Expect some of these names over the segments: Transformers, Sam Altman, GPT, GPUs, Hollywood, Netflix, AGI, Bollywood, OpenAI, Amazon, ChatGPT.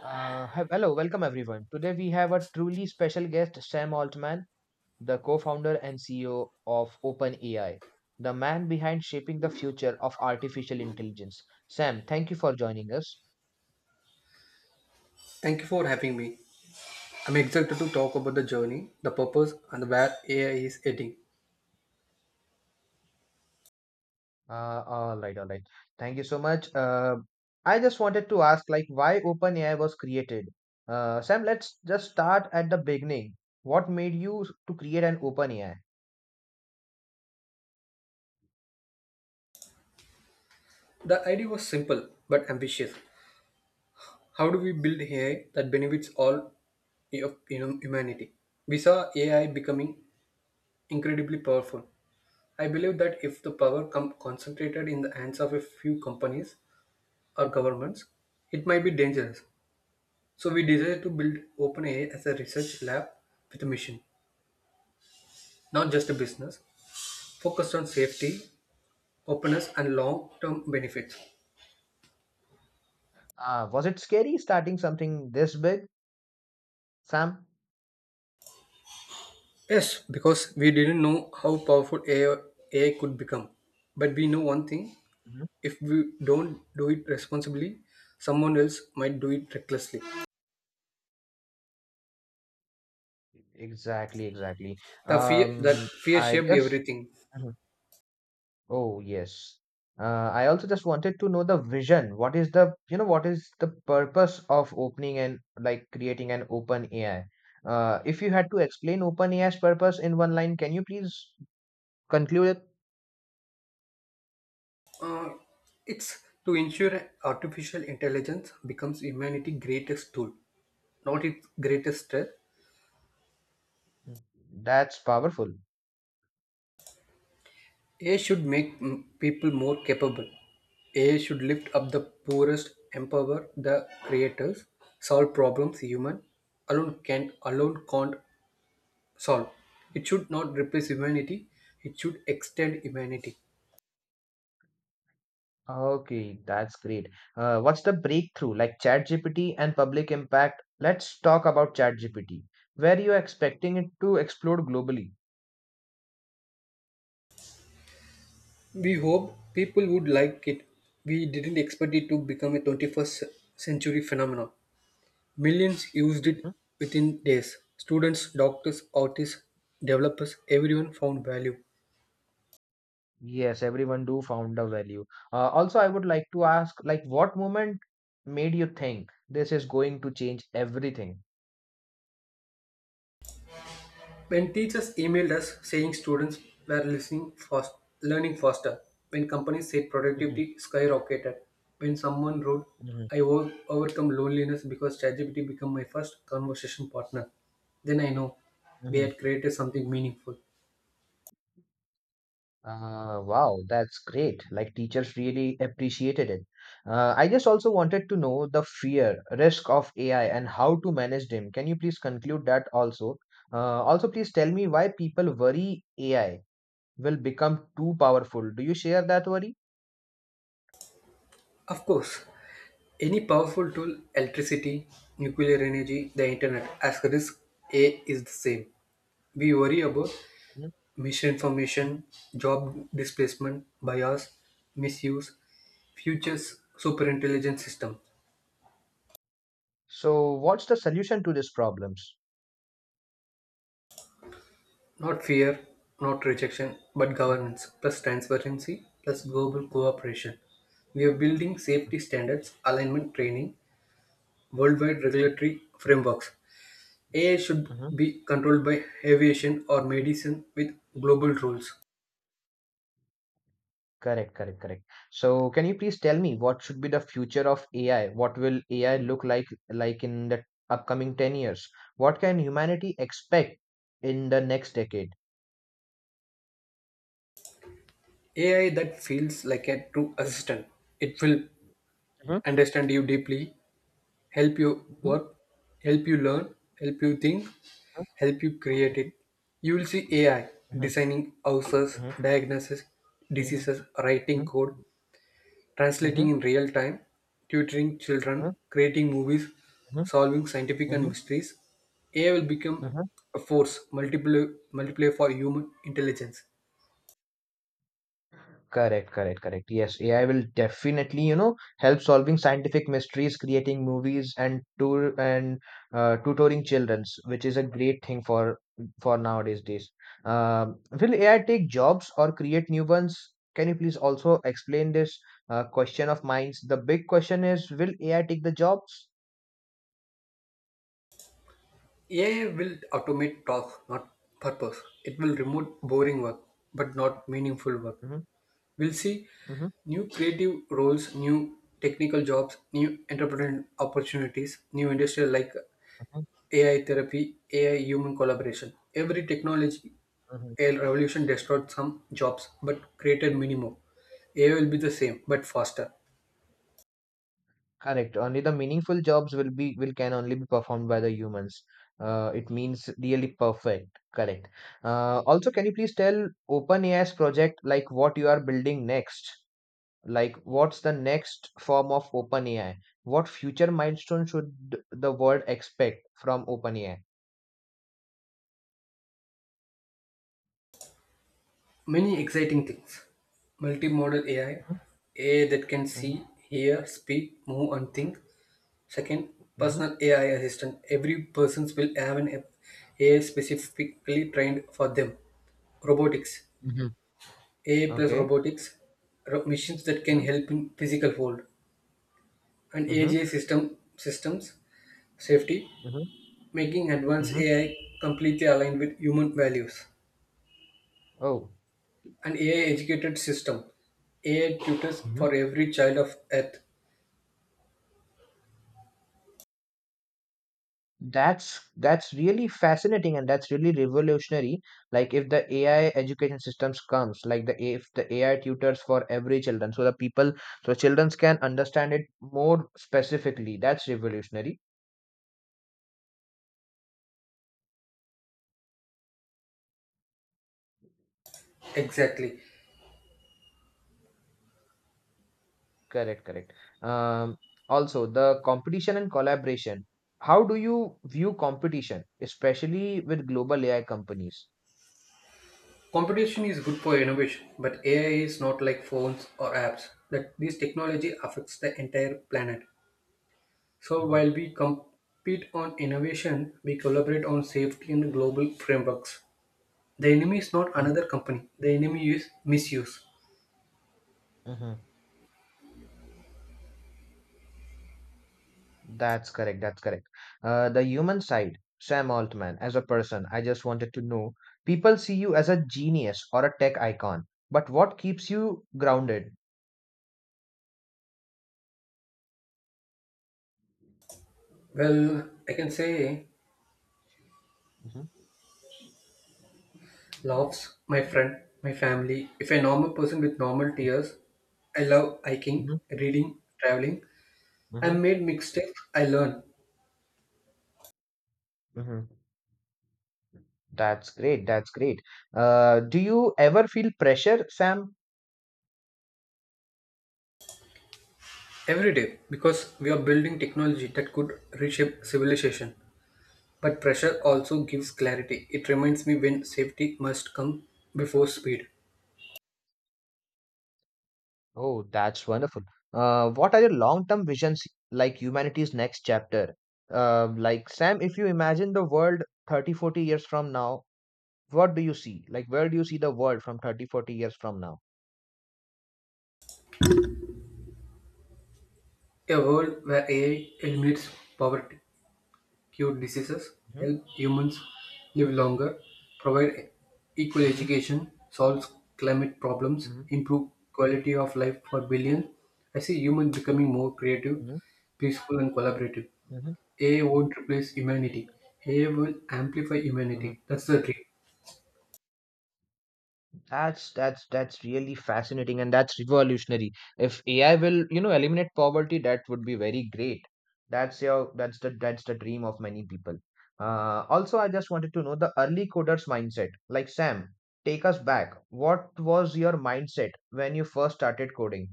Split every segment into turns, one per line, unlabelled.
Hello, welcome everyone. Today we have a truly special guest, Sam Altman, the co-founder and CEO of OpenAI, the man behind shaping the future of artificial intelligence. Sam, thank you for joining us.
Thank you for having me. I'm excited to talk about the journey, the purpose, and where AI is heading.
All right, all right. Thank you so much. I just wanted to ask, like, why OpenAI was created? Sam, let's just start at the beginning. What made you to create an OpenAI?
The idea was simple but ambitious. How do we build AI that benefits all of humanity? We saw AI becoming incredibly powerful. I believe that if the power come concentrated in the hands of a few companies or governments, it might be dangerous. So we decided to build OpenAI as a research lab with a mission, not just a business, focused on safety openness and long-term benefits.
Was it scary starting something this big, Sam?
Yes, because we didn't know how powerful AI could become. But we know one thing, if we don't do it responsibly, someone else might do it recklessly.
Exactly, exactly.
The fear that
Um,
fear
I
shaped
just,
everything.
Mhm. Oh yes. I also just wanted to know the vision. What is the purpose of opening and like creating an open AI? If you had to explain open AI's purpose in one line, can you please conclude it?
Uh, it's to ensure artificial intelligence becomes humanity's greatest tool, not its greatest threat.
That's powerful.
AI should make people more capable. AI should lift up the poorest, empower the creators, solve problems human alone can alone can't solve. It should not replace humanity. It should extend humanity.
Okay, that's great. What's the breakthrough? Like ChatGPT and public impact. Let's talk about ChatGPT. Where you are expecting it to explode globally?
We hope people would like it. We didn't expect it to become a 21st century phenomenon. Millions used it within days. Students, doctors, artists, developers, everyone found value.
Yes, everyone do found a value. Also, I would like to ask, like, what moment made you think this is going to change everything?
When teachers emailed us saying students were listening fast, learning faster, when companies said
Hmm.
productivity skyrocketed, when someone wrote,
Hmm.
overcome loneliness because ChatGPT became my first conversation partner, then I know we
Hmm.
had created something meaningful.
Wow, that's great. Like teachers really appreciated it. I just also wanted to know the fear, risk of AI and how to manage them. Can you please conclude that also? Also, please tell me why people worry AI will become too powerful. Do you share that worry?
Of course, any powerful tool, electricity, nuclear energy, the internet, as risk A is the same. We worry about
Hmm.
misinformation, job displacement, bias, misuse, Future's superintelligent system.
So, what's the solution to these problems?
Not fear, not rejection, but
Mhm,
governance, plus transparency, plus global cooperation. We are building
mhm,
safety standards, alignment training, worldwide regulatory frameworks. AI should
mhm.
be controlled by aviation or medicine with global rules.
Correct, correct, correct. So, can you please tell me what should be the future of AI? What will AI look like in the upcoming 10 years? What can humanity expect in the next decade?
AI that feels like a true assistant. It will
Mhm,
understand you deeply, help you
mhm,
work, help you learn, help you think, help you create
mhm,
it. You will see AI
mhm,
designing houses,
mhm,
diagnosis
mhm,
diseases, writing
mhm,
code, translating
mhm,
in real time, tutoring
mhm,
children, creating movies,
mhm,
solving scientific and
mhm,
mysteries. AI will become
mhm.
a force multiplier for human intelligence.
Correct, correct, correct. Yes, AI will definitely, help solving scientific mysteries, creating movies, and tour and tutoring childrens, which is a great thing for nowadays days. Will AI take jobs or create new ones? Can you please also explain this question of mine? The big question is, will AI take the jobs?
AI will automate tasks, not purpose. It will remove boring work, but not meaningful work.
Mm-hmm,
We'll see
mm-hmm,
new creative roles, new technical jobs, new entrepreneurial opportunities, new industries like
mm-hmm,
AI therapy, AI human collaboration. Every technology
mm-hmm.
AI revolution destroyed some jobs but created many more. AI will be the same but faster.
Correct. Only the meaningful jobs will be will can only be performed by the humans. It means really perfect. Correct. Also, can you please tell OpenAI's project like what you are building next? Like what's the next form of OpenAI? What future milestone should the world expect from OpenAI?
Many exciting things. Multimodal AI, AI that can
Mm-hmm.
see, hear, speak, move, and think. Second,
Mm-hmm.
personal AI assistant. Every persons will have an AI specifically trained for them. Robotics,
Mhm.
ai plus
Okay.
robotics, machines that can
Mm-hmm.
help in physical hold, and
Mm-hmm.
agi systems safety,
Mm-hmm.
making advanced
Mm-hmm.
ai completely aligned with human values,
Oh.
an ai educated system, ai tutors for every child of earth.
That's really fascinating and that's really revolutionary. Like if the AI education systems comes, like the if the AI tutors for every children, so the people so children can understand it more specifically. That's revolutionary.
Exactly.
Correct, correct. Um, Also the competition and collaboration. How do you view competition, especially with global AI companies?
Competition is good for innovation, but ai is not like phones or apps, that this technology affects the entire planet. So
Mhm,
while we compete on innovation, we collaborate on safety and global frameworks. The enemy is not another
mhm,
company, the enemy is misuse.
mhm. That's correct. That's correct. The human side, Sam Altman, as a person, I just wanted to know people see you as a genius or a tech icon, but what keeps you grounded?
Well, I can say
Mhm,
loves my friend, my family, if a normal person with normal tears. I love hiking,
mhm,
reading, traveling. I
mhm,
made mistakes, I learn.
mhm. That's great. That's great. Do you ever feel pressure, Sam?
Every day, because we are building technology that could reshape civilization. But pressure also gives clarity, it reminds me when safety must come before speed.
Oh, that's wonderful. What are your long-term visions like humanity's next chapter? Like Sam, if you imagine the world 30, 40 years from now, what do you see like where do you see the world from 30, 40 years from now?
A world where ai eliminates poverty, cure diseases,
Mhm,
help humans
mhm,
live longer, provide equal education, solves climate problems,
mhm,
improve quality of life for billions. I see humans becoming more creative,
mhm,
peaceful, and collaborative.
mhm,
AI won't replace humanity. AI will amplify
mhm.
humanity. That's the dream.
That's really fascinating and that's revolutionary. If AI will eliminate poverty, that would be very great. That's the dream of many people. Also, I just wanted to know the early coders mindset. Like Sam, take us back, what was your mindset when you first started coding?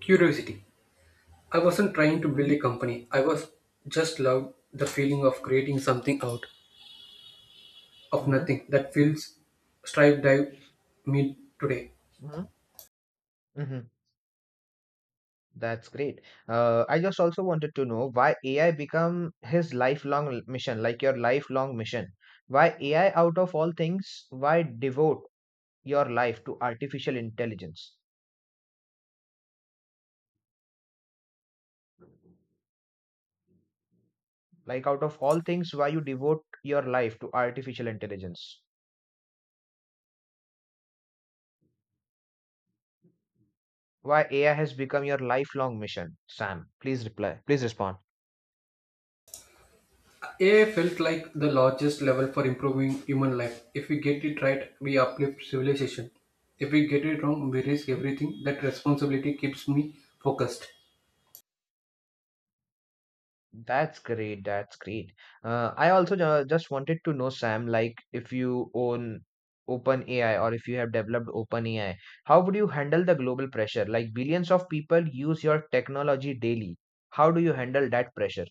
Curiosity. I wasn't trying to
Mm-hmm,
build a company. I was just loved the feeling of creating something out of
mm-hmm,
nothing that feels strive dive me today.
mm-hmm. That's great. I just also wanted to know why AI become his lifelong mission, like your lifelong mission. Why AI out of all things, why devote your life to artificial intelligence? Like out of all things, why you devote your life to artificial intelligence? Why AI has become your lifelong mission? Sam, please reply. Please respond.
AI felt like the largest level for improving human life. If we get it right, we uplift civilization. If we get it wrong, we risk everything. That responsibility keeps me focused.
That's great. That's great. I also just wanted to know, Sam, like if you own OpenAI or if you have developed OpenAI, how would you handle the global pressure? Like billions of people use your technology daily. How do you handle that pressure?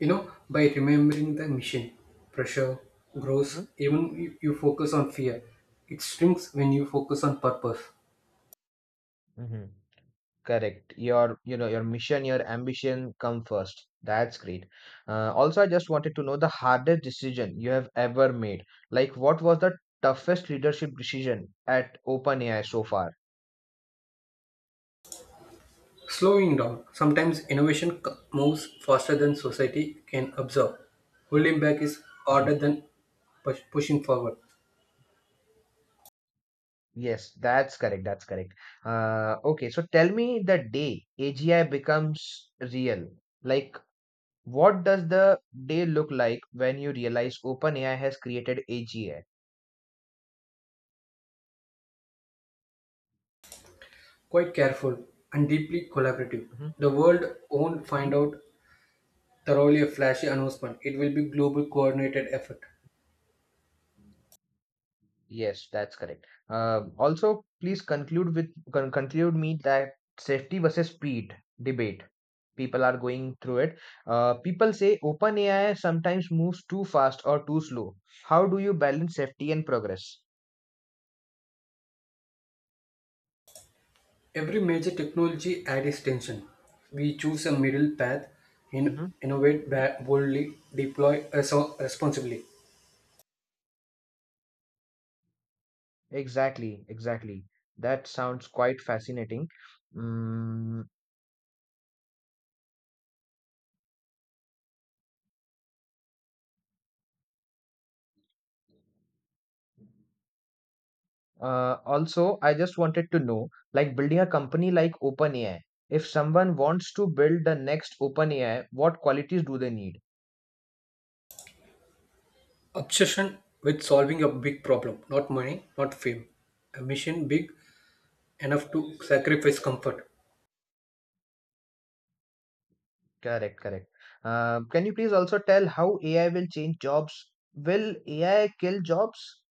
You know, by remembering the mission, pressure
Mhm.
grows even if you focus on fear. It shrinks when you focus on purpose.
Mm-hmm. Correct. Your mission, your ambition come first. That's great. Also, I just wanted to know the hardest decision you have ever made. Like, what was the toughest leadership decision at OpenAI so far?
Slowing down. Sometimes moves faster than society can absorb. Holding back is
Mhm.
harder than pushing forward.
Yes, that's correct. That's correct. Okay, so tell me the day AGI becomes real. Like, what does the day look like when you realize OpenAI has created AGI?
Quite careful and deeply collaborative,
Mhm,
the world won't find
mhm.
out thoroughly a flashy announcement. It will be global coordinated effort.
Yes, that's correct. Also, please conclude with conclude me that safety versus speed debate. People are going through it. People say OpenAI sometimes moves too fast or too slow. How do you balance safety and progress?
Every major technology had its tension. We choose a middle path, innovate boldly, deploy responsibly.
Exactly, exactly. That sounds quite fascinating. Mm, Also, I just wanted to know, like building a company like OpenAI, if someone wants to build the next OpenAI, what qualities do they need?
Obsession with solving a big problem, not money, not fame. A mission big enough to sacrifice comfort.
Correct, correct. Can you please also tell how AI will change jobs? Will AI kill jobs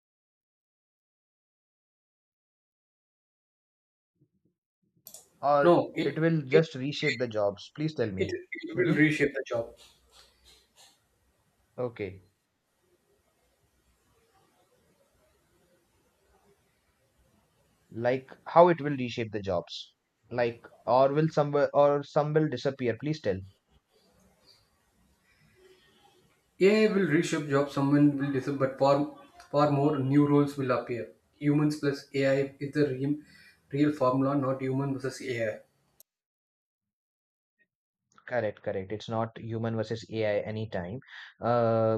or
No,
it will
it,
just reshape the jobs? Please tell
it,
me.
it will
Mm-hmm.
reshape the job.
Okay. Like how it will reshape the jobs, like or will some or some will disappear, please tell.
AI will reshape jobs, someone will disappear, but far more new roles will appear. Humans plus AI is the real formula, not human versus AI.
Correct, correct. It's not human versus AI anytime. uh,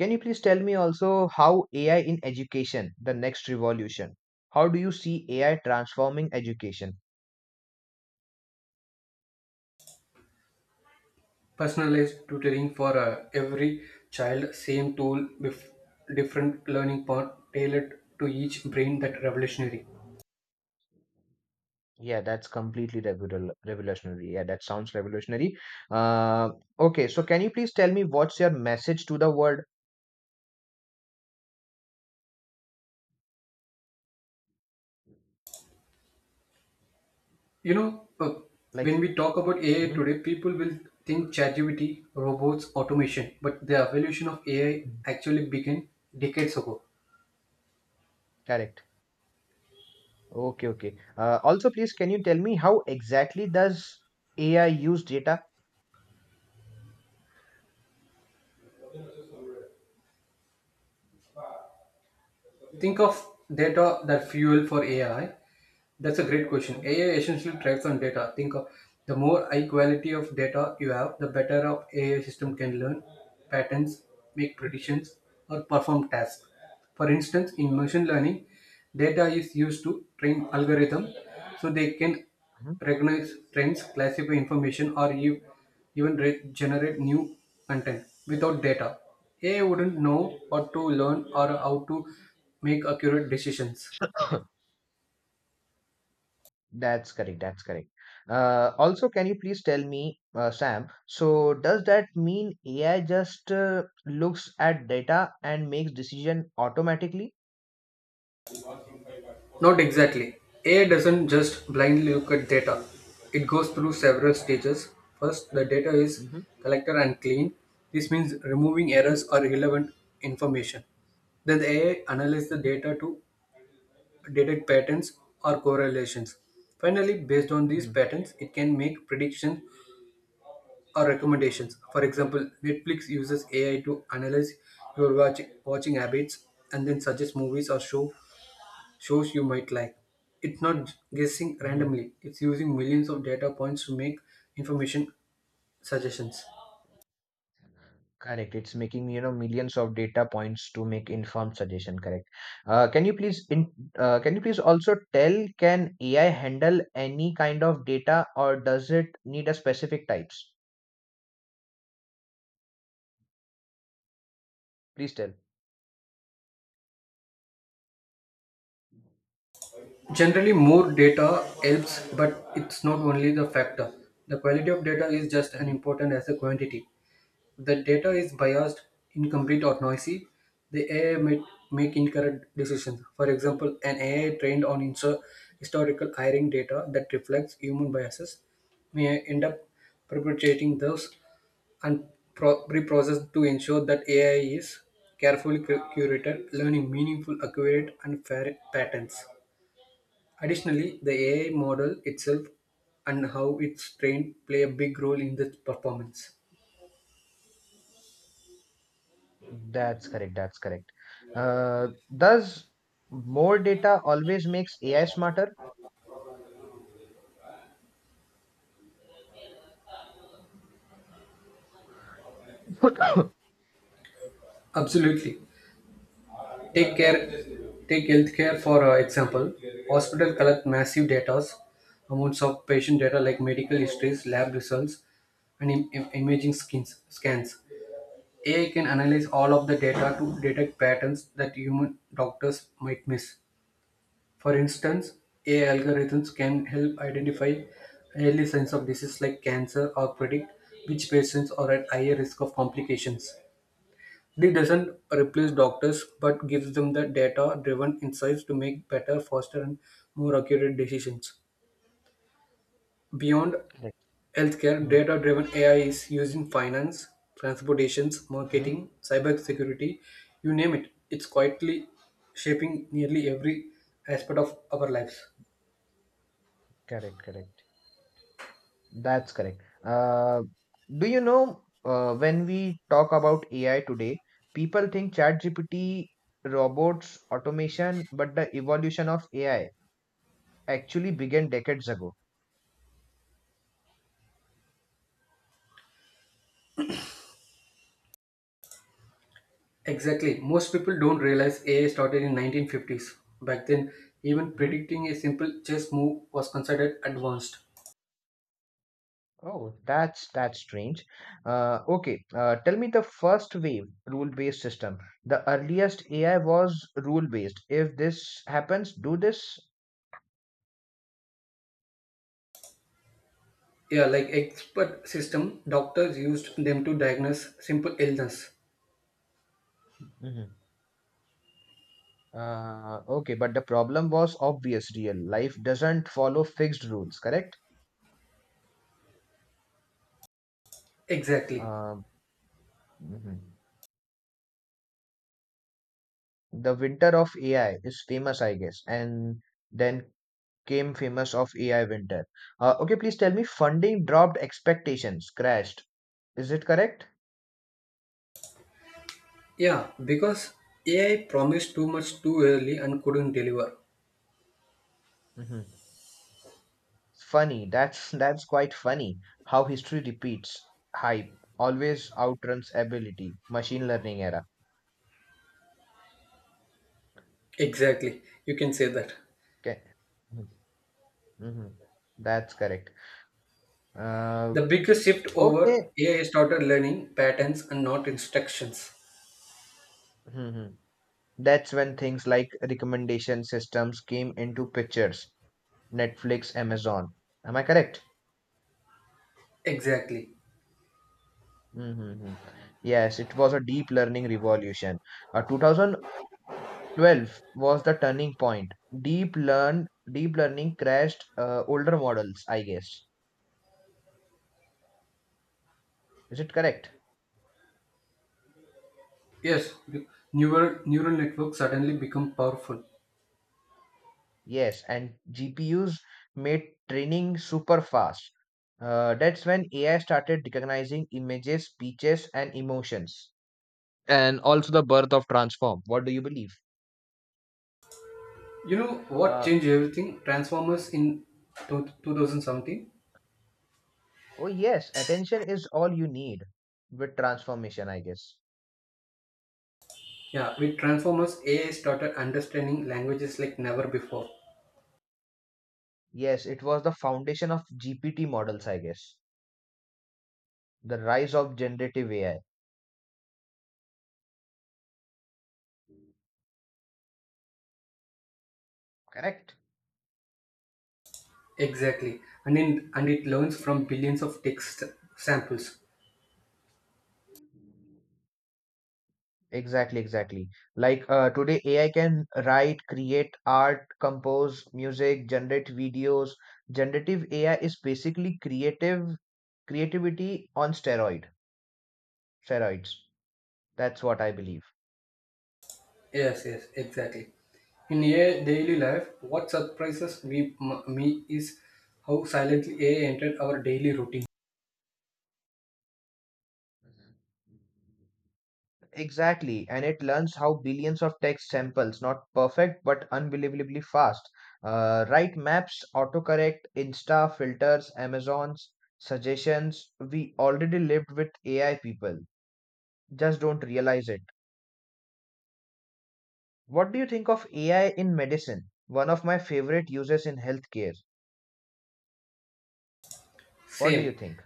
can you please tell me also how AI in education the next revolution, how do you see AI transforming education?
Personalized tutoring for every child, same tool with different learning path tailored to each brain that revolutionary.
Yeah, that's completely revolutionary. Yeah, that sounds revolutionary. uh, okay, so can you please tell me what's your message to the world,
You know, uh,
like.
when we talk about AI
Mhm.
today, people will think ChatGPT, robots, automation, but the evolution of AI actually began decades ago.
Correct. Okay, okay. Also, please, can you tell me how exactly does AI use data?
Think of data that fuel for AI. That's a great question. AI essentially thrives on data. Think of the more high quality of data you have, the better of AI
Mhm,
system can learn patterns, make predictions, or perform tasks. For instance, in machine learning, data is used to train algorithms so they can
mhm, mhm.
recognize trends, classify information, or even generate new content. Without data, AI wouldn't know what to learn or how to make accurate decisions.
That's correct. That's correct. Also, can you please tell me, Sam? So, does that mean AI just looks at data and makes decision automatically?
Not exactly. AI doesn't just blindly look at data. It goes through several stages. First, the data is
Mm-hmm.
collected and clean. This means removing errors or irrelevant information. Then the AI analyzes the data to detect patterns or correlations. Finally, based on these patterns, it can make predictions or recommendations. For example, Netflix uses AI to analyze your watching habits and then suggest movies or shows you might like. It's not guessing
Hmm.
randomly, it's using millions of data points to make information suggestions.
Correct. It's making millions of data points to make informed suggestion, correct. Uh, can you please in can you please also tell can AI handle any kind of data or does it need a specific types? Please tell.
Generally, more data helps, but it's not only the factor. The quality of data is just as
Mhm.
important as the quantity. If the data is biased, incomplete, or noisy, the AI might make incorrect decisions. For example, an AI trained on historical hiring data that reflects human biases may end up perpetuating those and pre-processed to ensure that AI is carefully curated, learning meaningful, accurate, and fair patterns. Additionally, the AI model itself and how it's trained play a big role in the performance.
That's correct. That's correct. Uh, does more data always makes AI smarter?
Absolutely. Take care. Take healthcare for example. Hospital collect massive data, amounts of patient data like medical histories, lab results, and imaging scans. AI can analyze all of the data to detect patterns that human doctors might miss. For instance, AI algorithms can help identify early signs of disease like cancer or predict which patients are at higher risk of complications. This doesn't replace doctors but gives them the data driven insights to make better, faster, and more accurate decisions. Beyond
Correct.
Healthcare
Mhm,
data-driven AI is used in finance, transportations,
mhm.
marketing, cybersecurity, you name it. It's quietly shaping nearly every aspect of our lives.
Correct, correct. That's correct. Do you know when we talk about AI today, people think ChatGPT, robots, automation, but the evolution of AI actually began decades ago.
Exactly. Most people don't realize AI started in 1950s. Back then, even
Mhm.
predicting a simple chess move was considered advanced.
Oh, that's strange. Okay, tell me the first wave rule-based system. The earliest AI was rule-based. If this happens, do this.
Yeah, like expert system, doctors used them to diagnose simple illness.
Mhm. Okay, but the problem was obvious. Real life doesn't follow fixed rules, correct?
Exactly.
Uh, mhm. The winter of AI is famous, I guess, and then came famous of AI winter. Okay, please tell me, funding dropped, expectations crashed. Is it correct?
Yeah, because AI promised too much too early and couldn't deliver.
Hmm. Funny. That's that's quite funny how history repeats. Hype always outruns ability. Machine learning era.
Exactly, you can say that.
Okay. Mm-hmm. That's correct. Uh,
The biggest shift over
okay.
AI started learning patterns and not instructions.
Hmm. That's when things like recommendation systems came into pictures. Netflix, Amazon. Am I correct?
Exactly.
Mm-hmm. Yes, it was a deep learning revolution. 2012 was the turning point. Deep learn deep learning crashed older models, I guess. Is it correct?
Yes, neural networks suddenly become powerful.
Yes, and GPUs made training super fast. That's when AI started recognizing images, speeches, and emotions. And also the birth of transform. What do you believe?
You know what changed everything? Transformers in 2017.
Oh, yes, attention is all you need with transformation, I guess.
Yeah, with Transformers, AI started understanding languages like never before.
Yes, it was the foundation of GPT models, I guess. The rise of generative AI. Correct?
Exactly, and in and it learns from billions of text samples.
Exactly, exactly. Like today, AI can write, create art, compose music, generate videos. Generative AI is basically creative creativity on steroids. That's what I believe.
Yes, exactly. In a daily life, what surprises me is how silently AI entered our daily routine.
Exactly, and it learns how billions of text samples, not perfect but unbelievably fast, write maps, autocorrect, Insta filters, Amazon's suggestions. We already lived with AI people, just don't realize it. What do you think of AI in medicine? One of my favorite uses in healthcare. What do you
Same.
think?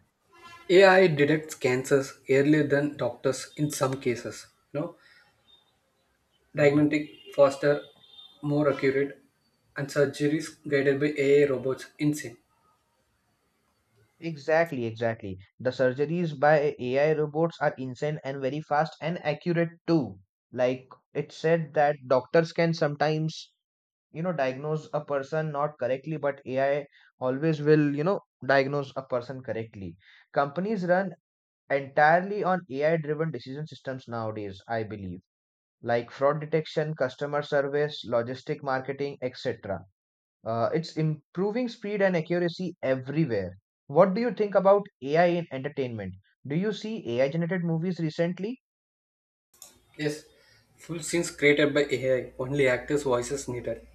AI detects cancers earlier than doctors in some cases. You know,
Mhm.
diagnostic faster, more accurate, and surgeries guided by AI robots in sync.
Exactly, exactly. The surgeries by AI robots are insane and very fast and accurate too. Like it said that doctors can sometimes diagnose a person not correctly, but AI always will diagnose a person correctly. Companies run entirely on AI-driven decision systems nowadays, I believe, like fraud detection, customer service, logistic marketing, etc. It's improving speed and accuracy everywhere. What do you think about AI in entertainment? Do you see AI generated movies recently?
Yes, full scenes created by AI. Only actors' voices needed.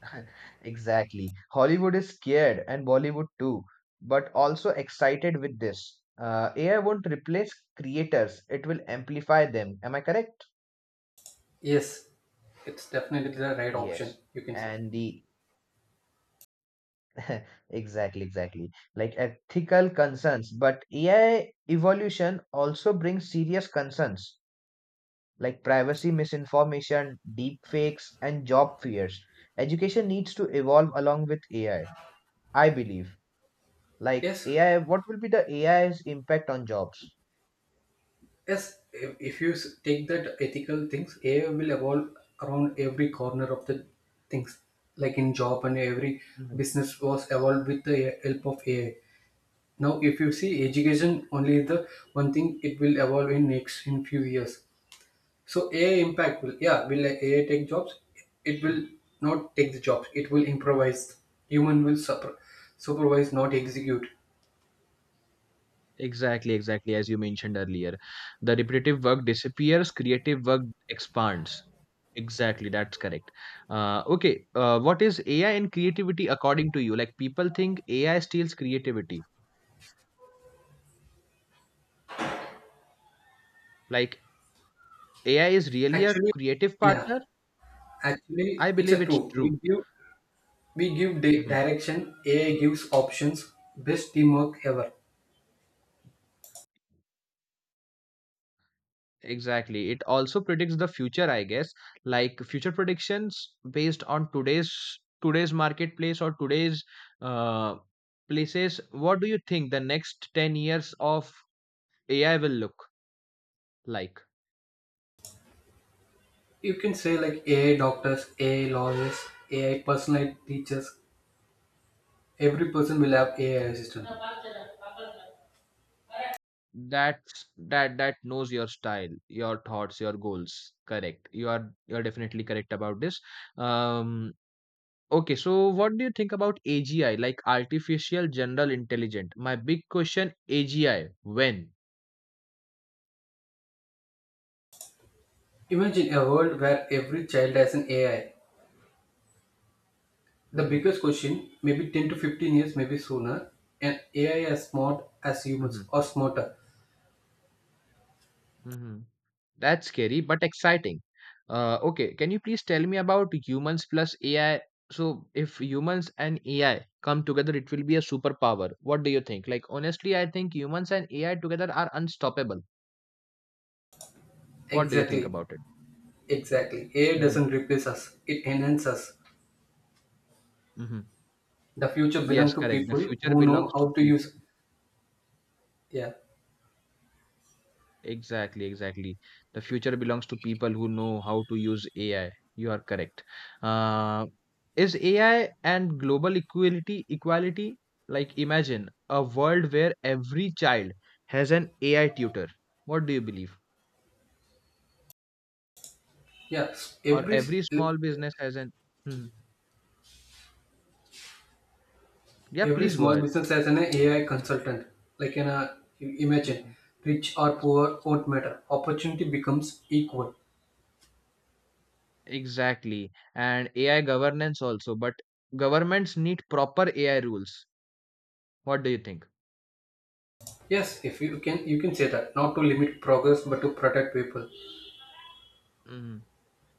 Exactly. Hollywood is scared and Bollywood too, but also excited with this. AI won't replace creators, it will amplify them. Am I correct?
Yes, it's definitely the right option.
Yes.
You can say
And the exactly, exactly. Like ethical concerns, but AI evolution also brings serious concerns. Like privacy misinformation, deep fakes, and job fears. Education needs to evolve along with AI, I believe. Like
yes.
AI, what will be the AI's impact on jobs?
Yes, if you take that ethical things, AI will evolve around every corner of the things. Like in job and every
Mhm.
business was evolved with the help of AI. Now, if you see education, only the one thing it will evolve in next in few years. So AI impact will yeah will like AI take jobs? It will not take the jobs. It will improvise. Human will supervise, not execute.
Exactly, exactly. As you mentioned earlier, the repetitive work disappears, creative work expands. Exactly, that's correct. Okay, what is AI and creativity according to you? Like, people think AI steals creativity. Like, AI is really a
Actually,
creative
yeah.
partner?
Actually,
I
it's
believe
a
it's
true. We
true.
give we give di-
Mm-hmm.
direction, ai gives options, best teamwork ever.
Exactly. It also predicts the future, I guess, like future predictions based on today's marketplace or today's uh, places. What do you think the next 10 years of AI will look like?
You can say like ai doctors, ai lawyers, ai personal teachers, every person will have ai assistant.
That knows your style, your thoughts, your goals. Correct. You are definitely correct about this. Um, okay, so what do you think about AGI, like artificial general intelligence? My big question, AGI, when?
Imagine a world where every child has an ai. The
Hmm.
biggest question, maybe 10 to 15 years, maybe sooner. An ai as smart as humans or smarter.
Mhm. That's scary but exciting. Okay, can you please tell me about humans plus AI? So, if humans and AI come together, it will be a superpower. What do you think? Like, honestly, I think humans and AI together are unstoppable. What do you think
exactly
about it?
exactly ai
Mm-hmm.
doesn't replace us, it enhances us.
Mm-hmm.
The future
Yes,
belongs to
correct. The
people
future
who know
belongs to
how to
people.
use. Yeah.
Exactly, exactly. The future belongs to people who know how to use AI. You are correct. Uh, is AI and global equality like imagine a world where every child has an AI tutor? What do you believe?
Yeah,
Or every small business has an. Hmm. Yeah,
every
please go
small
ahead.
business has an AI consultant. Like an imagine,
Mhm.
rich or poor won't matter. Opportunity becomes equal.
Exactly. And AI governance also, but governments need proper AI rules. What do you think?
Yes, if you can, you can say that not to limit progress but to protect people.
Mhm.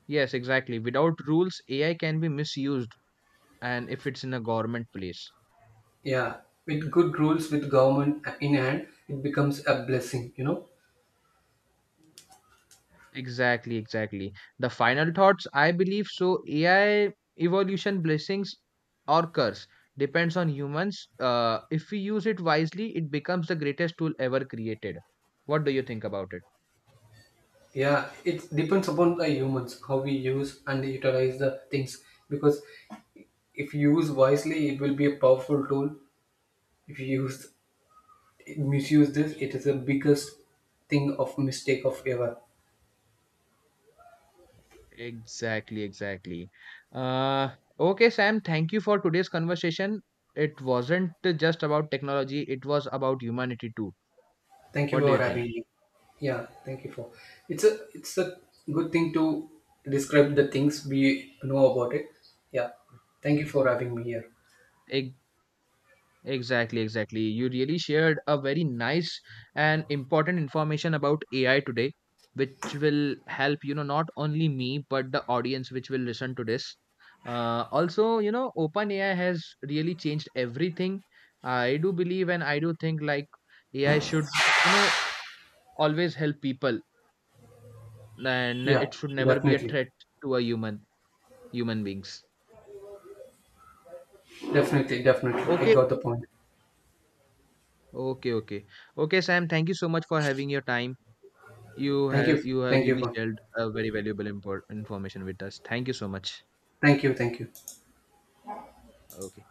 Yes, exactly. Without rules, AI can be misused and if it's in a government place.
Yeah, with good rules, with government in hand, it becomes a blessing. You know.
Exactly, exactly. The final thoughts, I believe so. AI evolution blessings or curse depends on humans. If we use it wisely, it becomes the greatest tool ever created. What do you think about it?
Yeah, it depends upon the humans how we use and utilize the things, because if you use wisely, it will be a powerful tool. If you use misuse this, it is the biggest thing of mistake of ever.
Exactly, exactly. Uh, okay, Sam, thank you for today's conversation. It wasn't just about technology, it was about humanity too.
Thank you
What do
for
you think?
having me. Yeah, thank you for. It's a good thing to describe the things we know about it. Yeah, thank you for having me here.
Ex- Exactly, exactly. You really shared a very nice and important information about AI today, which will help not only me, but the audience which will listen to this. Also, OpenAI has really changed everything. I do believe and I do think like AI should, you know, always help people and
Yeah,
it should never be a
definitely,
threat to human beings.
definitely. I
Okay.
got the point.
Okay, okay. Okay, Sam, thank you so much for having your time. you have you have
Thank you
really
for,
shared a very valuable import information with us. Thank you so much.
thank you, thank you.
Okay.